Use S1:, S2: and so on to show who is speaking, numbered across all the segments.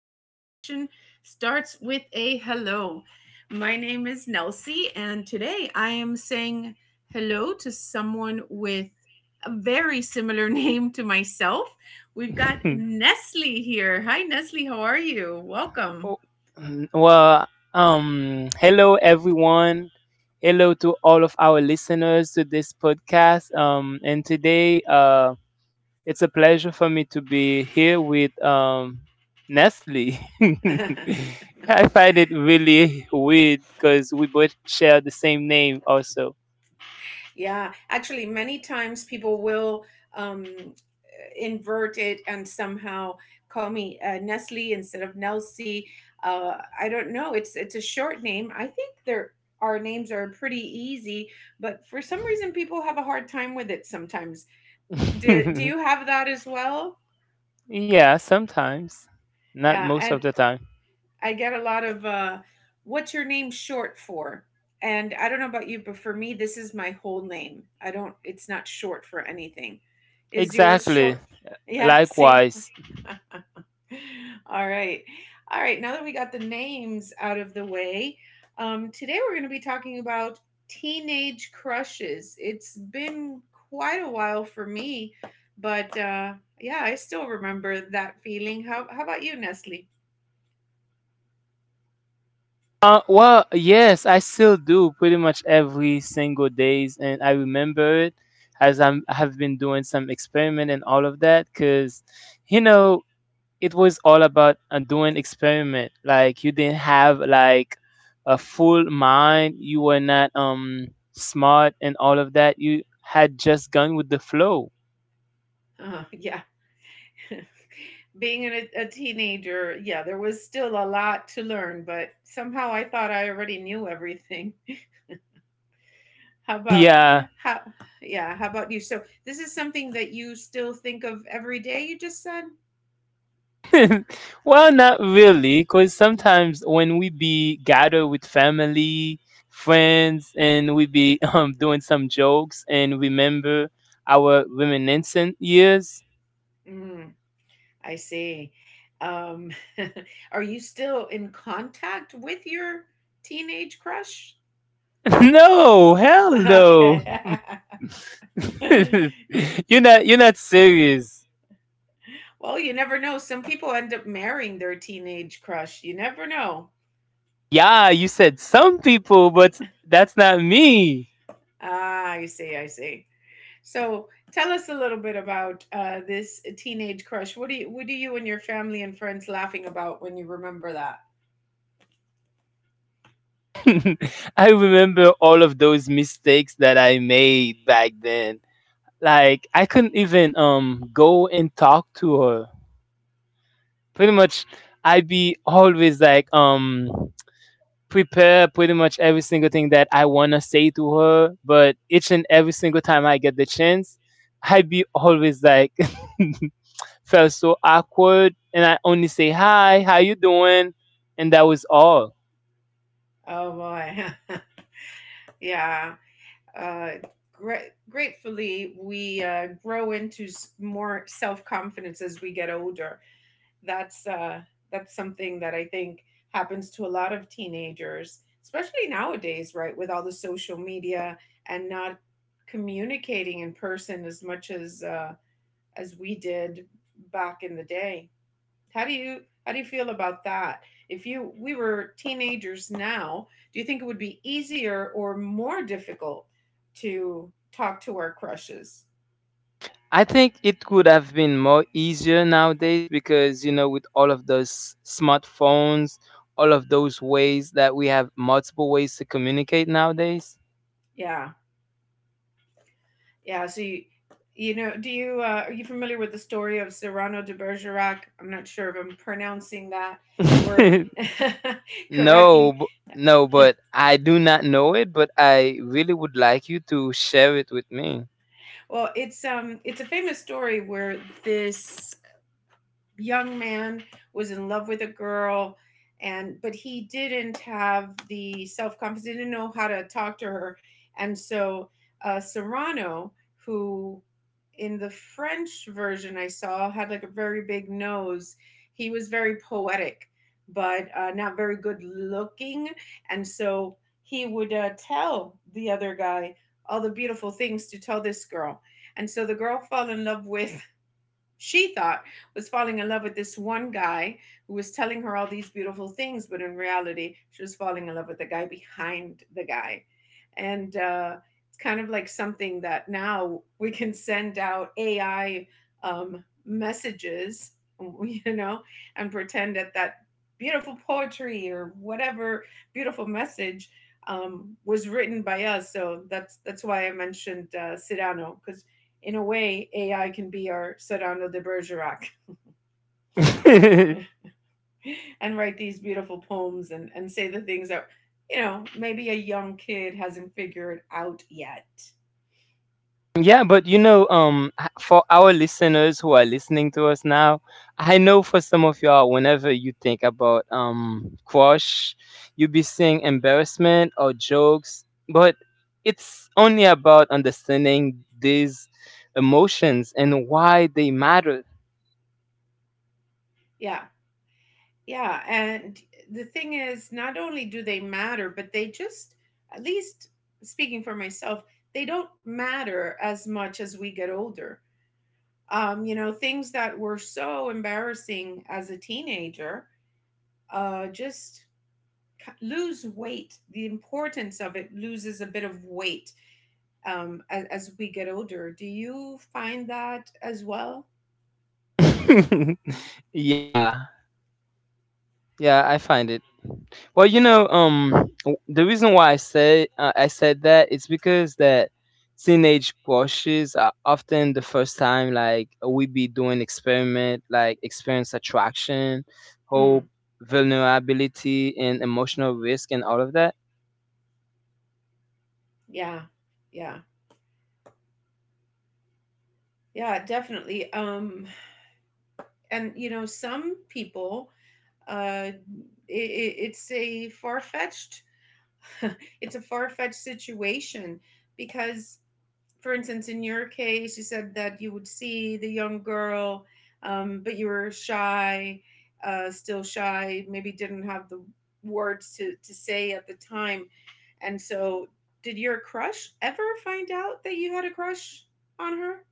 S1: conversation starts with a hello. My name is Nelsie, and today I am saying hello to someone with a very similar name to myself. We've got Nestle here. Hi, Nestle. How are you? Welcome.
S2: Oh, well, hello everyone. Hello to all of our listeners to this podcast. And today, it's a pleasure for me to be here with Nestle. I find it really weird because we both share the same name, also.
S1: Yeah, actually, many times people will um, invert it and somehow call me Nestle instead of Nelsie. I don't know. It's a short name. I think there our names are pretty easy, but for some reason people have a hard time with it sometimes. Do you have that as well?
S2: Yeah, sometimes, not
S1: Yeah,
S2: most
S1: and
S2: of the time.
S1: I get a lot of what's your name short for? And I don't know about you, but for me, this is my whole name. I don't, it's not short for anything. Is yours
S2: Exactly.
S1: short? Yeah, same.
S2: Likewise.
S1: All right. All right. Now that we got the names out of the way, today we're going to be talking about teenage crushes. It's been quite a while for me, but yeah, I still remember that feeling. How about you, Nestle?
S2: Well, yes, I still do pretty much every single days, and I remember it I have been doing some experiment and all of that, because you know it was all about doing experiment. Like you didn't have like a full mind, you were not smart and all of that. You had just gone with the flow.
S1: Yeah. being a teenager, yeah, there was still a lot to learn, but somehow I thought I already knew everything. How about
S2: Yeah,
S1: how yeah, how about you? So this is something that you still think of every day, you just said?
S2: well, not really, because sometimes when we be gathered with family, friends, and we be doing some jokes and remember our reminiscent years.
S1: Mm, I see. Um, are you still in contact with your teenage crush?
S2: No, hell no.
S1: Okay. well,
S2: You're not serious.
S1: you never know. Some people end up marrying their teenage crush. You never know.
S2: Yeah, you said some people, but that's not me.
S1: Ah, I see, I see. So tell us a little bit about this teenage crush. What do you and your family and friends laughing about when you remember that?
S2: I remember all of those mistakes that I made back then. Like I couldn't even go and talk to her. Pretty much I'd be always like prepare pretty much every single thing that I wanna say to her, but each and every single time I get the chance, I'd be always like felt so awkward and I only say hi, how you doing? And that was all.
S1: Oh boy, yeah. Uh, gratefully, we grow into more self confidence as we get older. That's uh, that's something that I think happens to a lot of teenagers, especially nowadays, right? With all the social media and not communicating in person as much as. As we did back in the day. How do you feel about that? If you we were teenagers now, do you think it would be easier or more difficult to talk to our crushes?
S2: I think it could have been more easier nowadays because you know with all of those smartphones, all of those ways that we have multiple ways to communicate nowadays.
S1: Yeah. Yeah, so you know, do you are you familiar with the story of Cyrano de Bergerac? I'm not sure if I'm pronouncing that word
S2: no,
S1: correctly.
S2: b- no, but I do not know it, but I really would like you to share it with me.
S1: Well, it's a famous story where this young man was in love with a girl and but he didn't have the self-confidence didn't know how to talk to her, and so Serrano, who in the French version I saw had like a very big nose, he was very poetic but not very good looking. And so he would tell the other guy all the beautiful things to tell this girl, and so the girl fell in love with, she thought was falling in love with this one guy who was telling her all these beautiful things, but in reality, she was falling in love with the guy behind the guy. And it's kind of like something that now we can send out AI messages, you know, and pretend that that beautiful poetry or whatever beautiful message was written by us. So that's why I mentioned Cyrano, because in a way, AI can be our Cyrano de Bergerac and write these beautiful poems and say the things that, you know, maybe a young kid hasn't figured out yet.
S2: Yeah, but you know, for our listeners who are listening to us now, I know for some of y'all, whenever you think about crush, you be seeing embarrassment or jokes, but it's only about understanding these emotions and why they matter.
S1: Yeah. Yeah. And the thing is, not only do they matter, but they just, at least speaking for myself, they don't matter as much as we get older. You know, things that were so embarrassing as a teenager just lose weight, the importance of it loses a bit of weight as we get older. Do you find that as well?
S2: Yeah. Yeah, I find it. Well, you know, the reason why I said that is because that teenage crushes are often the first time like we be doing experiment, like experience attraction, hope,
S1: mm,
S2: vulnerability, and emotional risk, and all of that.
S1: yeah, yeah, yeah, definitely. And you know, some people uh, it, it's a far-fetched it's a far-fetched situation, because for instance, in your case, you said that you would see the young girl, but you were shy, still shy, maybe didn't have the words to say at the time. And so, did your crush ever find out that you had a crush on her?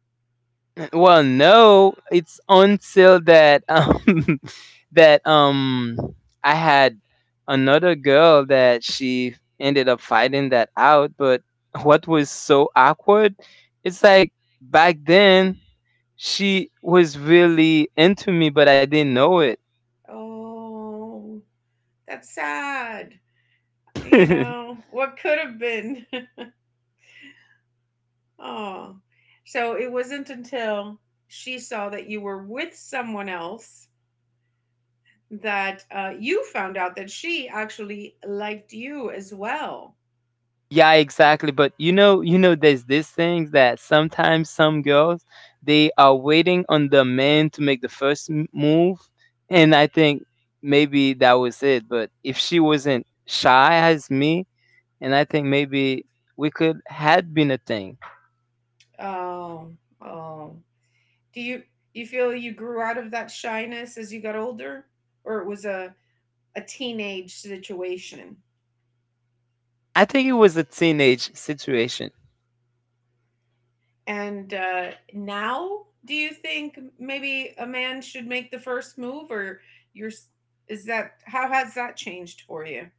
S2: Well, no, it's until that that I had another girl that she ended up fighting that out, but what was so awkward, it's like back then she was really into me but I didn't know it.
S1: Oh, that's sad. You know, what could have been? oh, so it wasn't until she saw that you were with someone else that you found out that she actually liked you as well.
S2: Yeah, exactly. But you know, there's these things that sometimes some girls they are waiting on the man to make the first move, and I think maybe that was it. But if she wasn't shy as me, and I think maybe we could had been a thing.
S1: Oh, oh. Do you you feel you grew out of that shyness as you got older, or it was a teenage situation?
S2: I think it was a teenage situation.
S1: And now, do you think maybe a man should make the first move, or you're is that how has that changed for you?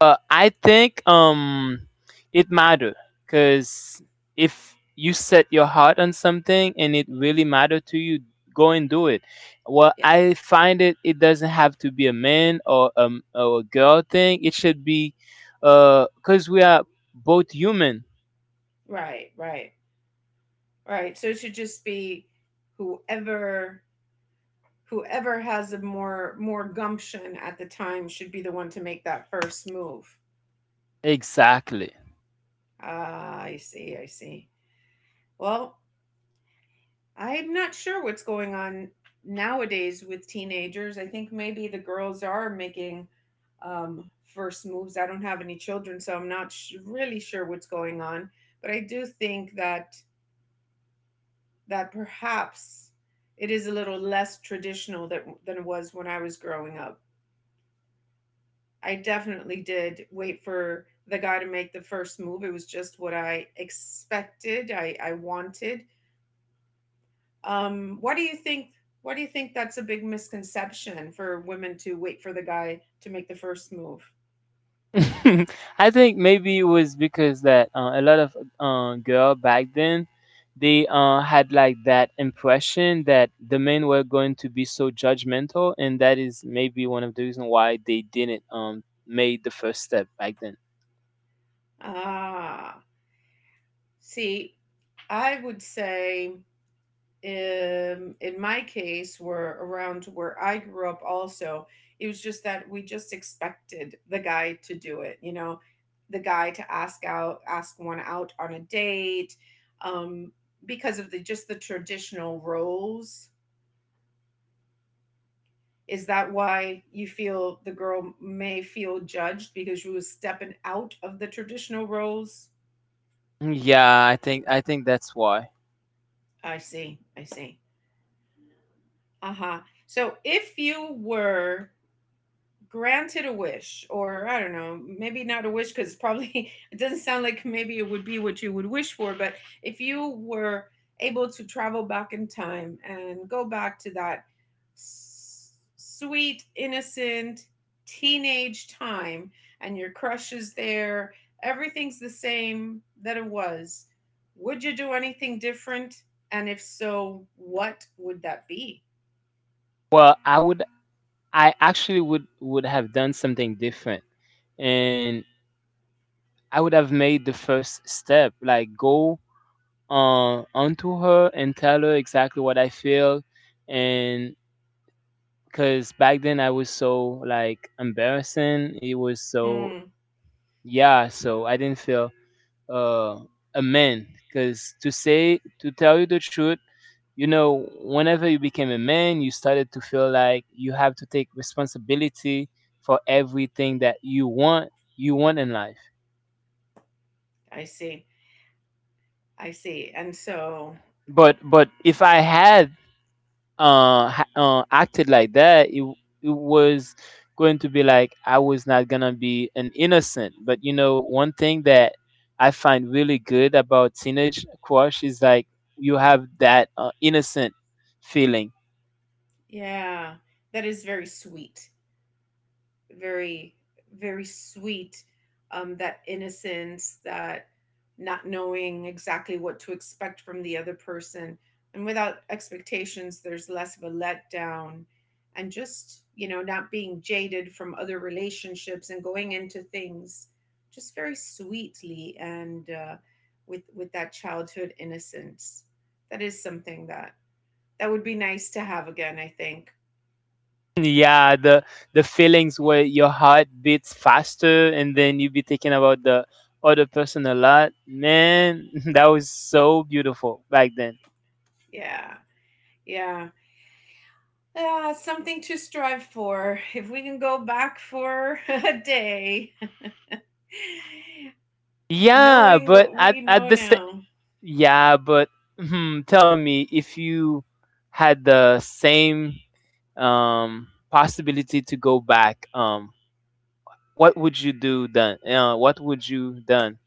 S2: I think it matter because if you set your heart on something and it really matter to you, go and do it. Well,
S1: Yeah,
S2: I find it it doesn't have to be a man or or a girl thing. It should be because we are both human.
S1: right, right, right. So it should just be whoever whoever has a more more gumption at the time should be the one to make that first move.
S2: Exactly.
S1: Ah, I see, I see. Well, I'm not sure what's going on nowadays with teenagers. I think maybe the girls are making first moves. I don't have any children, so I'm not really sure what's going on. But I do think that that perhaps it is a little less traditional that, than it was when I was growing up. I definitely did wait for the guy to make the first move. It was just what I expected. I wanted. What do you think? What do you think that's a big misconception for women to wait for the guy to make the first move?
S2: I think maybe it was because that a lot of girl back then they had like that impression that the men were going to be so judgmental, and that is maybe one of the reasons why they didn't made the first step back then.
S1: Ah, see, I would say in my case were around where I grew up also. It was just that we just expected the guy to do it, you know, the guy to ask out, ask one out on a date, um, because of the just the traditional roles. Is that why you feel the girl may feel judged because you was stepping out of the traditional roles?
S2: Yeah, I think that's why.
S1: I see, I see. Uh huh. So if you were granted a wish, or I don't know, maybe not a wish because probably it doesn't sound like maybe it would be what you would wish for, but if you were able to travel back in time and go back to that sweet innocent teenage time, and your crush is there, everything's the same that it was, would you do anything different, and if so, what would that be?
S2: Well, I would I actually would have done something different and I would have made the first step like go onto her and tell her exactly what I feel. And because back then I was so like embarrassing, it was so
S1: Hmm,
S2: yeah, so I didn't feel uh, a man. Because to tell you the truth, you know, whenever you became a man, you started to feel like you have to take responsibility for everything that you want in life.
S1: I see, I see. And so,
S2: But if I had acted like that it was going to be like I was not gonna be an innocent. But you know one thing that I find really good about teenage crush is like you have that innocent feeling.
S1: yeah, that is very sweet. Very, very sweet. That innocence, that not knowing exactly what to expect from the other person. And without expectations, there's less of a letdown. And just, you know, not being jaded from other relationships and going into things just very sweetly and with that childhood innocence. That is something that that would be nice to have again, I think.
S2: Yeah, the feelings where your heart beats faster and then you be thinking about the other person a lot, man. That was so beautiful back then.
S1: Yeah. Yeah. Ah, something to strive for. If we can go back for a day,
S2: Yeah
S1: knowing
S2: but
S1: what we
S2: at
S1: know
S2: the same.
S1: now.
S2: Yeah, but hmm, tell me if you had the same possibility to go back, what would you do then? What would you done?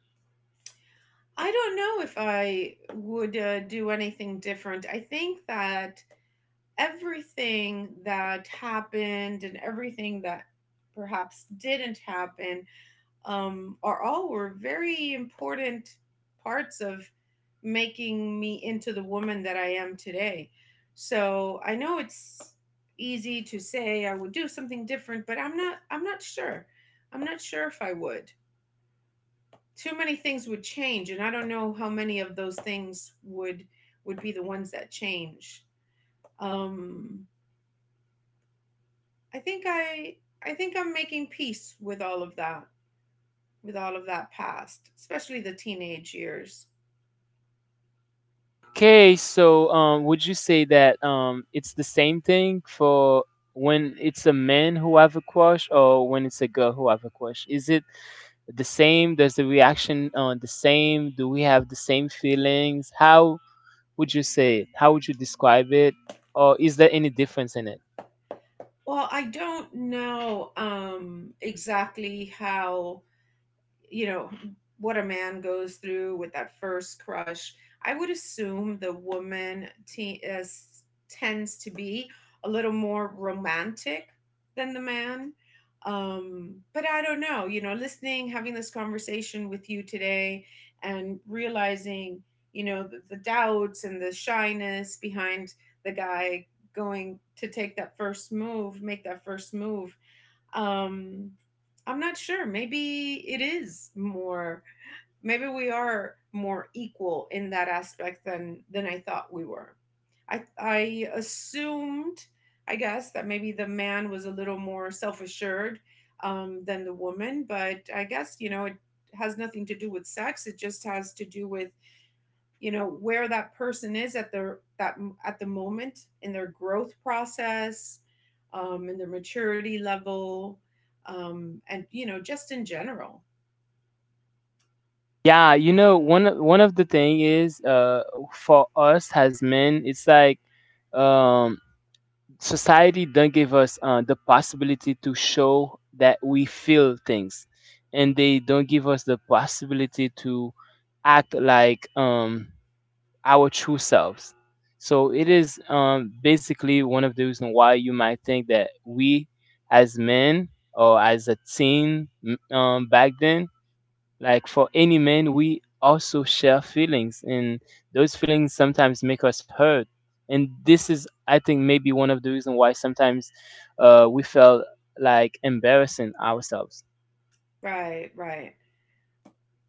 S1: I don't know if I would do anything different. I think that everything that happened and everything that perhaps didn't happen are all were very important parts of making me into the woman that I am today. So I know it's easy to say I would do something different, but I'm not. I'm not sure. I'm not sure if I would. Too many things would change, and I don't know how many of those things would be the ones that change. Um, I think I I think I'm making peace with all of that, with all of that past, especially the teenage years.
S2: Okay, so would you say that it's the same thing for when it's a man who have a crush or when it's a girl who have a crush? Is it the same? Does the reaction the same? Do we have the same feelings? How would you say it? How would you describe it? Or is there any difference in it?
S1: Well, I don't know exactly how, you know, what a man goes through with that first crush. I would assume the woman tends to be a little more romantic than the man, but I don't know. You know, listening, having this conversation with you today, and realizing, you know, the doubts and the shyness behind the guy going to take that first move, make that first move, um, I'm not sure. Maybe it is more. Maybe we are more equal in that aspect than I thought we were. I assumed, I guess, that maybe the man was a little more self assured than the woman. But I guess, you know, it has nothing to do with sex. It just has to do with, you know, where that person is at their that at the moment in their growth process in their maturity level, and you know, just in general,
S2: Yeah, you know, one of the thing is for us as men, it's like um society don't give us the possibility to show that we feel things and they don't give us the possibility to act like our true selves. So it is basically one of the reasons why you might think that we, as men or as a back then, like for any man, we also share feelings, and those feelings sometimes make us hurt. And this is, I think, maybe one of the reasons why sometimes we felt like embarrassing ourselves.
S1: right, right,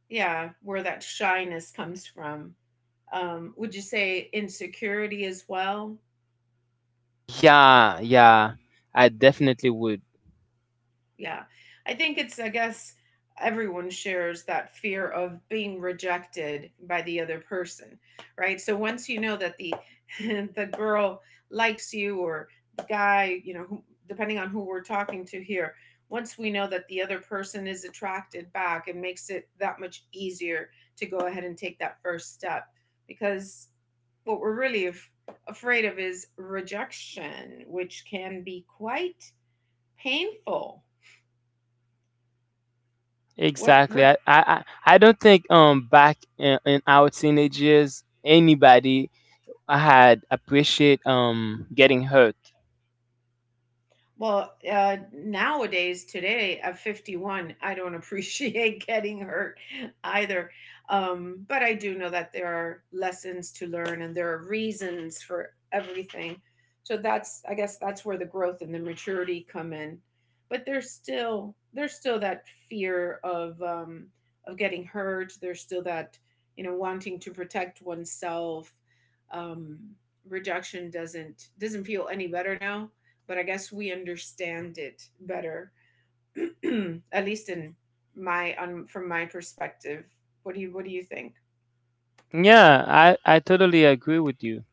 S1: yeah, where that shyness comes from. Would you say insecurity as well?
S2: Yeah, I definitely would.
S1: Yeah. I think it's, I guess, everyone shares that fear of being rejected by the other person, right? So once you know that the the girl likes you, or the guy, who, depending on who we're talking to here, once we know that the other person is attracted back, it makes it that much easier to go ahead and take that first step because what we're really af- afraid of is rejection, which can be quite painful.
S2: Exactly. I,
S1: What
S2: I, I I don't think back in our teenage years anybody had appreciate getting hurt.
S1: Well, nowadays, today at 51, I don't appreciate getting hurt either. But I do know that there are lessons to learn and there are reasons for everything. So that's, I guess, that's where the growth and the maturity come in. But there's still that fear of getting hurt. There's still that, wanting to protect oneself. Um, Rejection doesn't feel any better now, but I guess we understand it better, at least in my from my perspective. What do you think?
S2: Yeah, I totally agree with you.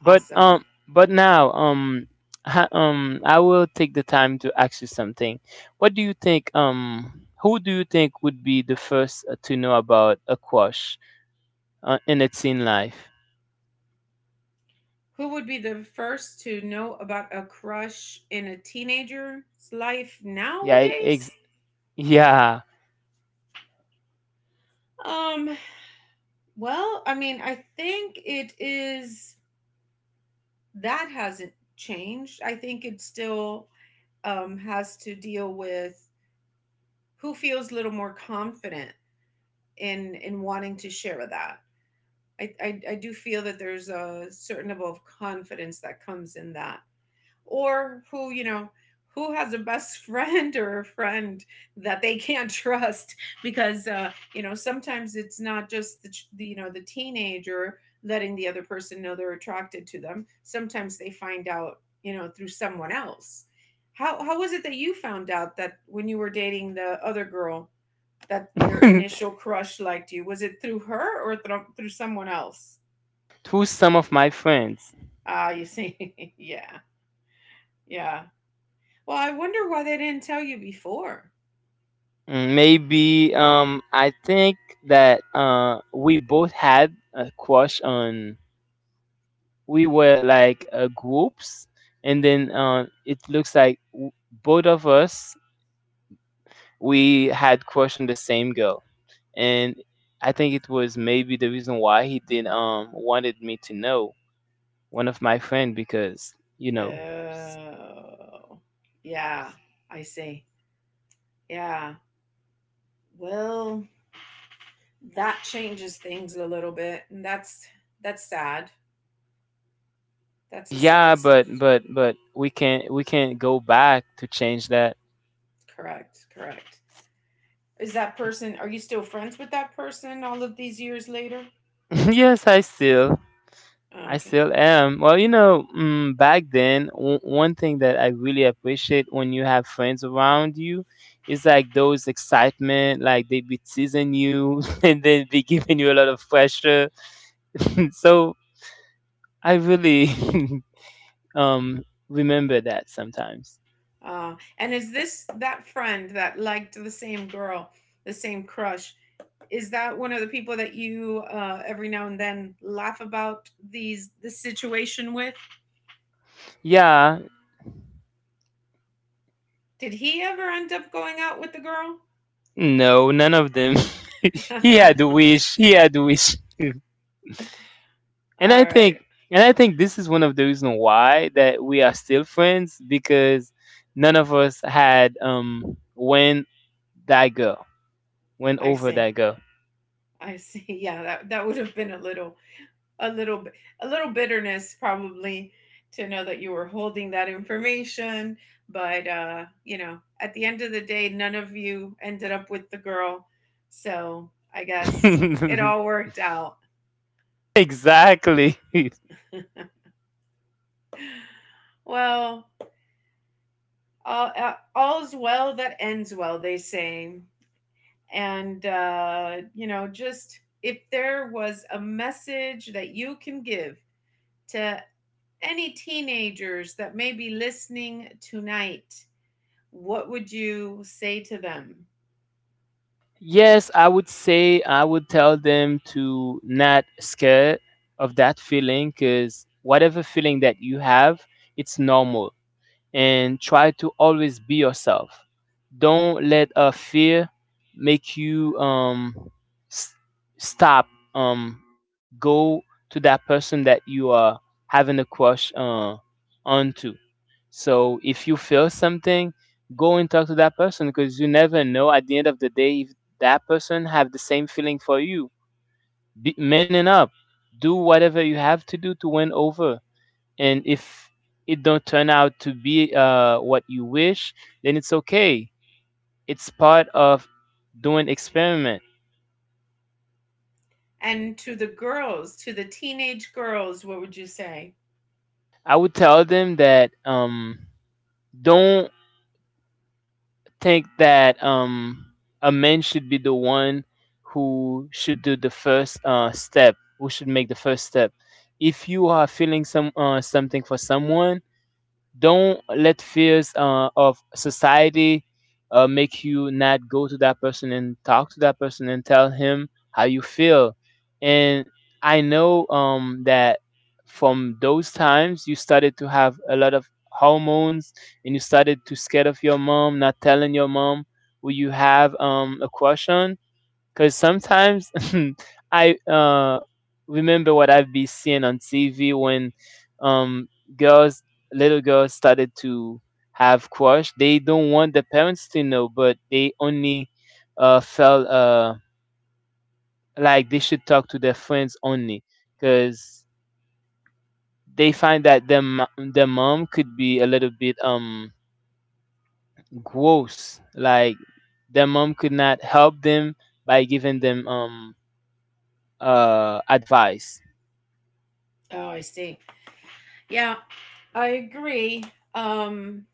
S1: Awesome.
S2: But now ha, I will take the time to ask you something. What do you think who do you think would be the first to know about a crush in a teen life?
S1: Who would be the first to know about a crush in a teenager's life
S2: Yeah,
S1: nowadays?
S2: yeah.
S1: Um. Well, I mean, I think it is, that hasn't changed. I think it still, has to deal with who feels a little more confident in wanting to share that. I do feel that there's a certain level of confidence that comes in that. Or who, you know, who has a best friend or a friend that they can't trust, because you know, sometimes it's not just the, you know, the teenager letting the other person know they're attracted to them. Sometimes they find out, you know, through someone else. How was it that you found out, that when you were dating the other girl, that your
S2: Through
S1: initial crush liked you? Was it through her or through someone else?
S2: some of my friends.
S1: Ah, you see, yeah, yeah. Well, I wonder why they didn't tell you before.
S2: Mm, maybe I think that we both had a crush on, we were like groups and then it looks like both of us we had crush on the same girl. And I think it was maybe the reason why he didn't wanted me to know, one of my friend, because you know s-
S1: Oh, yeah, I see. Yeah. Well, that changes things a little bit, and that's sad. That's a sad
S2: yeah but
S1: situation.
S2: but we can't go back to change that.
S1: Correct, correct. Is that person? Are you still friends with that person all of these years later?
S2: Yes I still,
S1: Oh,
S2: I
S1: okay.
S2: still am. Well, you know, mm, back then, one thing that I really appreciate when you have friends around you is like those excitement, like they be teasing you and then be giving you a lot of pressure. So I really um remember that sometimes.
S1: And is this that friend that liked the same girl, the same crush? Is that one of the people that you, every now and then laugh about these, the situation with?
S2: Yeah,
S1: Did he ever end up going out with the girl?
S2: no, none of them. He
S1: All
S2: had to wish. He had to wish. and I think
S1: right,
S2: and I think this is one of the reasons why that we are still friends because none of us had when that girl, went
S1: I
S2: over
S1: see.
S2: that girl.
S1: I see. Yeah, that would have been a little, a little, a little bitterness probably, to know that you were holding that information, but you know, at the end of the day none of you ended up with the girl. So, I guess it all worked out.
S2: Exactly.
S1: Well, all's well that ends well, they say. And you know, just if there was a message that you can give to any teenagers that may be listening tonight, what would you say to them?
S2: Yes, I would say I would tell them to not scared of that feeling because whatever feeling that you have, it's normal. And try to always be yourself. Don't let a fear make you s- stop um go to that person that you are having a crush onto. So if you feel something, go and talk to that person because you never know at the end of the day if that person have the same feeling for you. Be, man up. Do whatever you have to do to win over, and if it don't turn out to be what you wish, then it's okay, it's part of doing experiment.
S1: And to the girls, to the teenage girls, what would you say?
S2: I would tell them that don't think that a man should be the one who should do the first step, who should make the first step. If you are feeling something for someone, don't let fears of society make you not go to that person and talk to that person and tell him how you feel. And I know that from those times you started to have a lot of hormones and you started to scared of your mom, not telling your mom who you have a crush on. Cause sometimes I remember what I've been seeing on TV when um girls, little girls started to have crush. They don't want the parents to know, but they only felt like they should talk to their friends only, cause they find that their their mom could be a little bit gross. Like their mom could not help them by giving them advice.
S1: Oh, I see. Yeah, I agree. um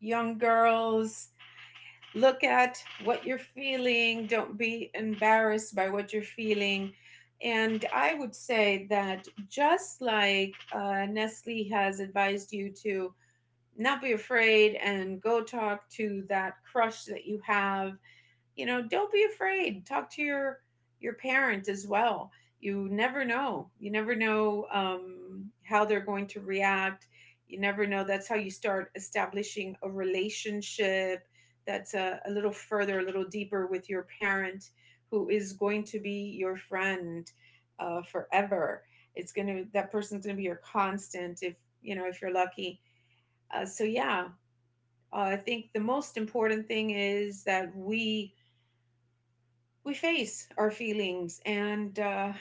S1: young girls, look at what you're feeling. Don't be embarrassed by what you're feeling. And I would say that, just like Nestle has advised you to not be afraid and go talk to that crush that you have, you know, don't be afraid, talk to your parent as well. You never know, you never know, how they're going to react. You never know. That's how you start establishing a relationship that's a little further, a little deeper, with your parent, who is going to be your friend, forever. It's gonna That person's gonna be your constant, if, you know, if you're lucky. So yeah, I think the most important thing is that we face our feelings,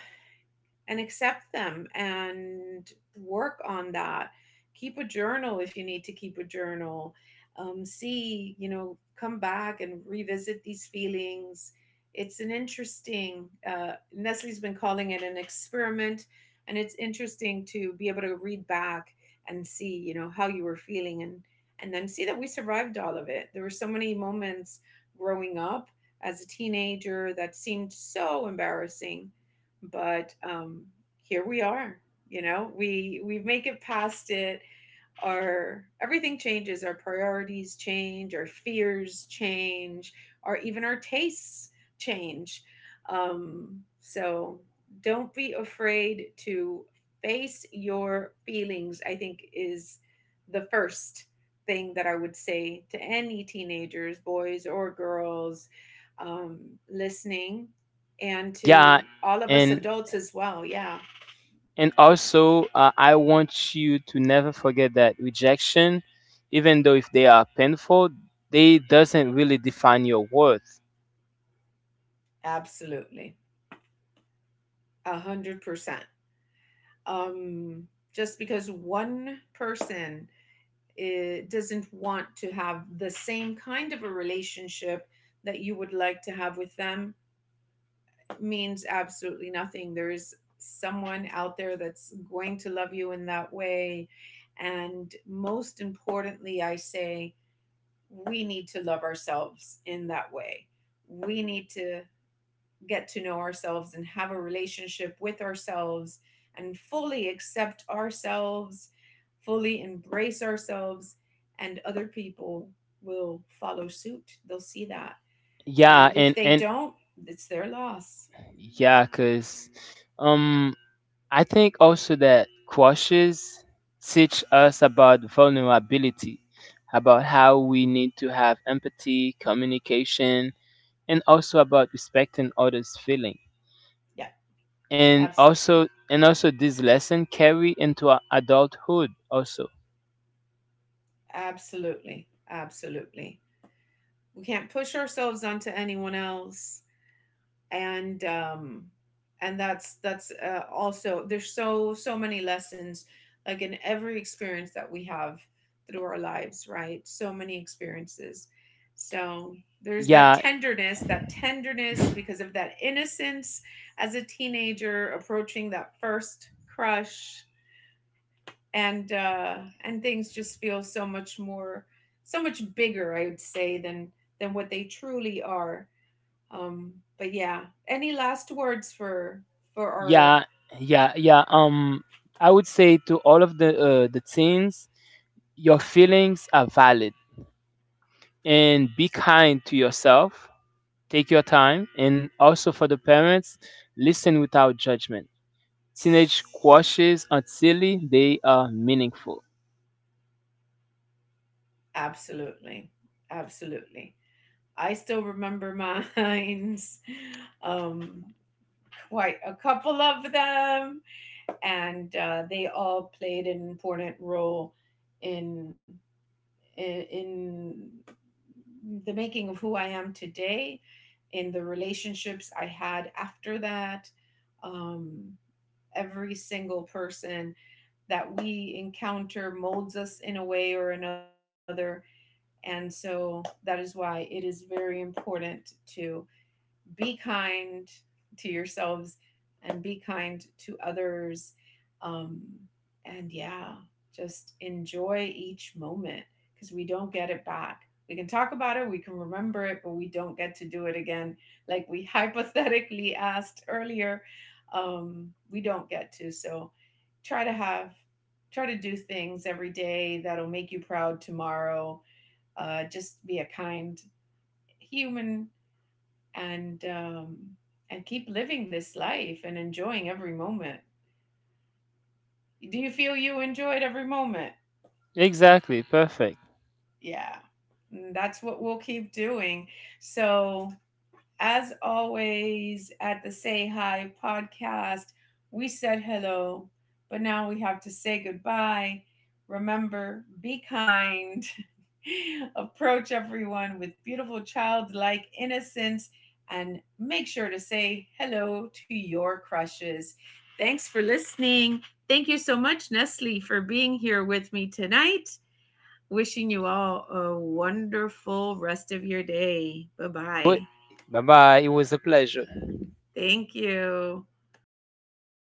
S1: and accept them and work on that. Keep a journal if you need to keep a journal. See, you know, come back and revisit these feelings. It's an interesting, Nestle's been calling it an experiment, and it's interesting to be able to read back and see, you know, how you were feeling, and then see that we survived all of it. There were so many moments growing up as a teenager that seemed so embarrassing, but here we are. You know, we make it past it. Our everything changes, our priorities change, our fears change, or even our tastes change. So don't be afraid to face your feelings, I think is the first thing that I would say to any teenagers, boys or girls, listening, and
S2: Yeah,
S1: to all of us
S2: and
S1: adults as well. Yeah.
S2: and also I want you to never forget that rejection, even though if they are painful, they doesn't really define your worth.
S1: Absolutely. A 100%. um just because one person, eh, doesn't want to have the same kind of a relationship that you would like to have with them, means absolutely nothing. There's someone out there that's going to love you in that way. And most importantly, I say, we need to love ourselves in that way. We need to get to know ourselves and have a relationship with ourselves, and fully accept ourselves, fully embrace ourselves, and other people will follow suit. They'll see that.
S2: Yeah,
S1: And if they
S2: and
S1: don't, it's their loss.
S2: yeah, cause um I think also that crushes teach us about vulnerability, about how we need to have empathy, communication, and also about respecting others' feelings.
S1: Yeah,
S2: and
S1: abs-
S2: also and also this lesson carry into adulthood also.
S1: absolutely. Absolutely. We can't push ourselves onto anyone else. And and that's, also, there's so, so many lessons, like in every experience that we have through our lives, right? So many experiences. So there's that
S2: Yeah.
S1: tenderness, that tenderness because of that innocence as a teenager approaching that first crush. And and things just feel so much more, so much bigger, I would say, than what they truly are. But yeah, any last words for our?
S2: yeah yeah yeah um I would say to all of the teens, your feelings are valid, and be kind to yourself, take your time. And also for the parents, listen without judgment. Teenage quashes are silly, they are meaningful.
S1: Absolutely, absolutely. I still remember mine, um, quite a couple of them, and they all played an important role in in the making of who I am today, in the relationships I had after that. Um, every single person that we encounter molds us in a way or another. And so that is why it is very important to be kind to yourselves and be kind to others. Um, and yeah, just enjoy each moment, because we don't get it back. We can talk about it, we can remember it, but we don't get to do it again. Like we hypothetically asked earlier, we don't get to. So try to have, try to do things every day that'll make you proud tomorrow. Just be a kind human, and um, and keep living this life and enjoying every moment. Do you feel you enjoyed every moment?
S2: Exactly, perfect.
S1: Yeah. And that's what we'll keep doing. So, as always, at the Say Hi podcast, we said hello, but now we have to say goodbye. Remember, be kind, approach everyone with beautiful childlike innocence, and make sure to say hello to your crushes. Thanks for listening. Thank you so much, Nestle, for being here with me tonight. Wishing you all a wonderful rest of your day. Bye bye.
S2: Bye bye. It was a pleasure.
S1: Thank you.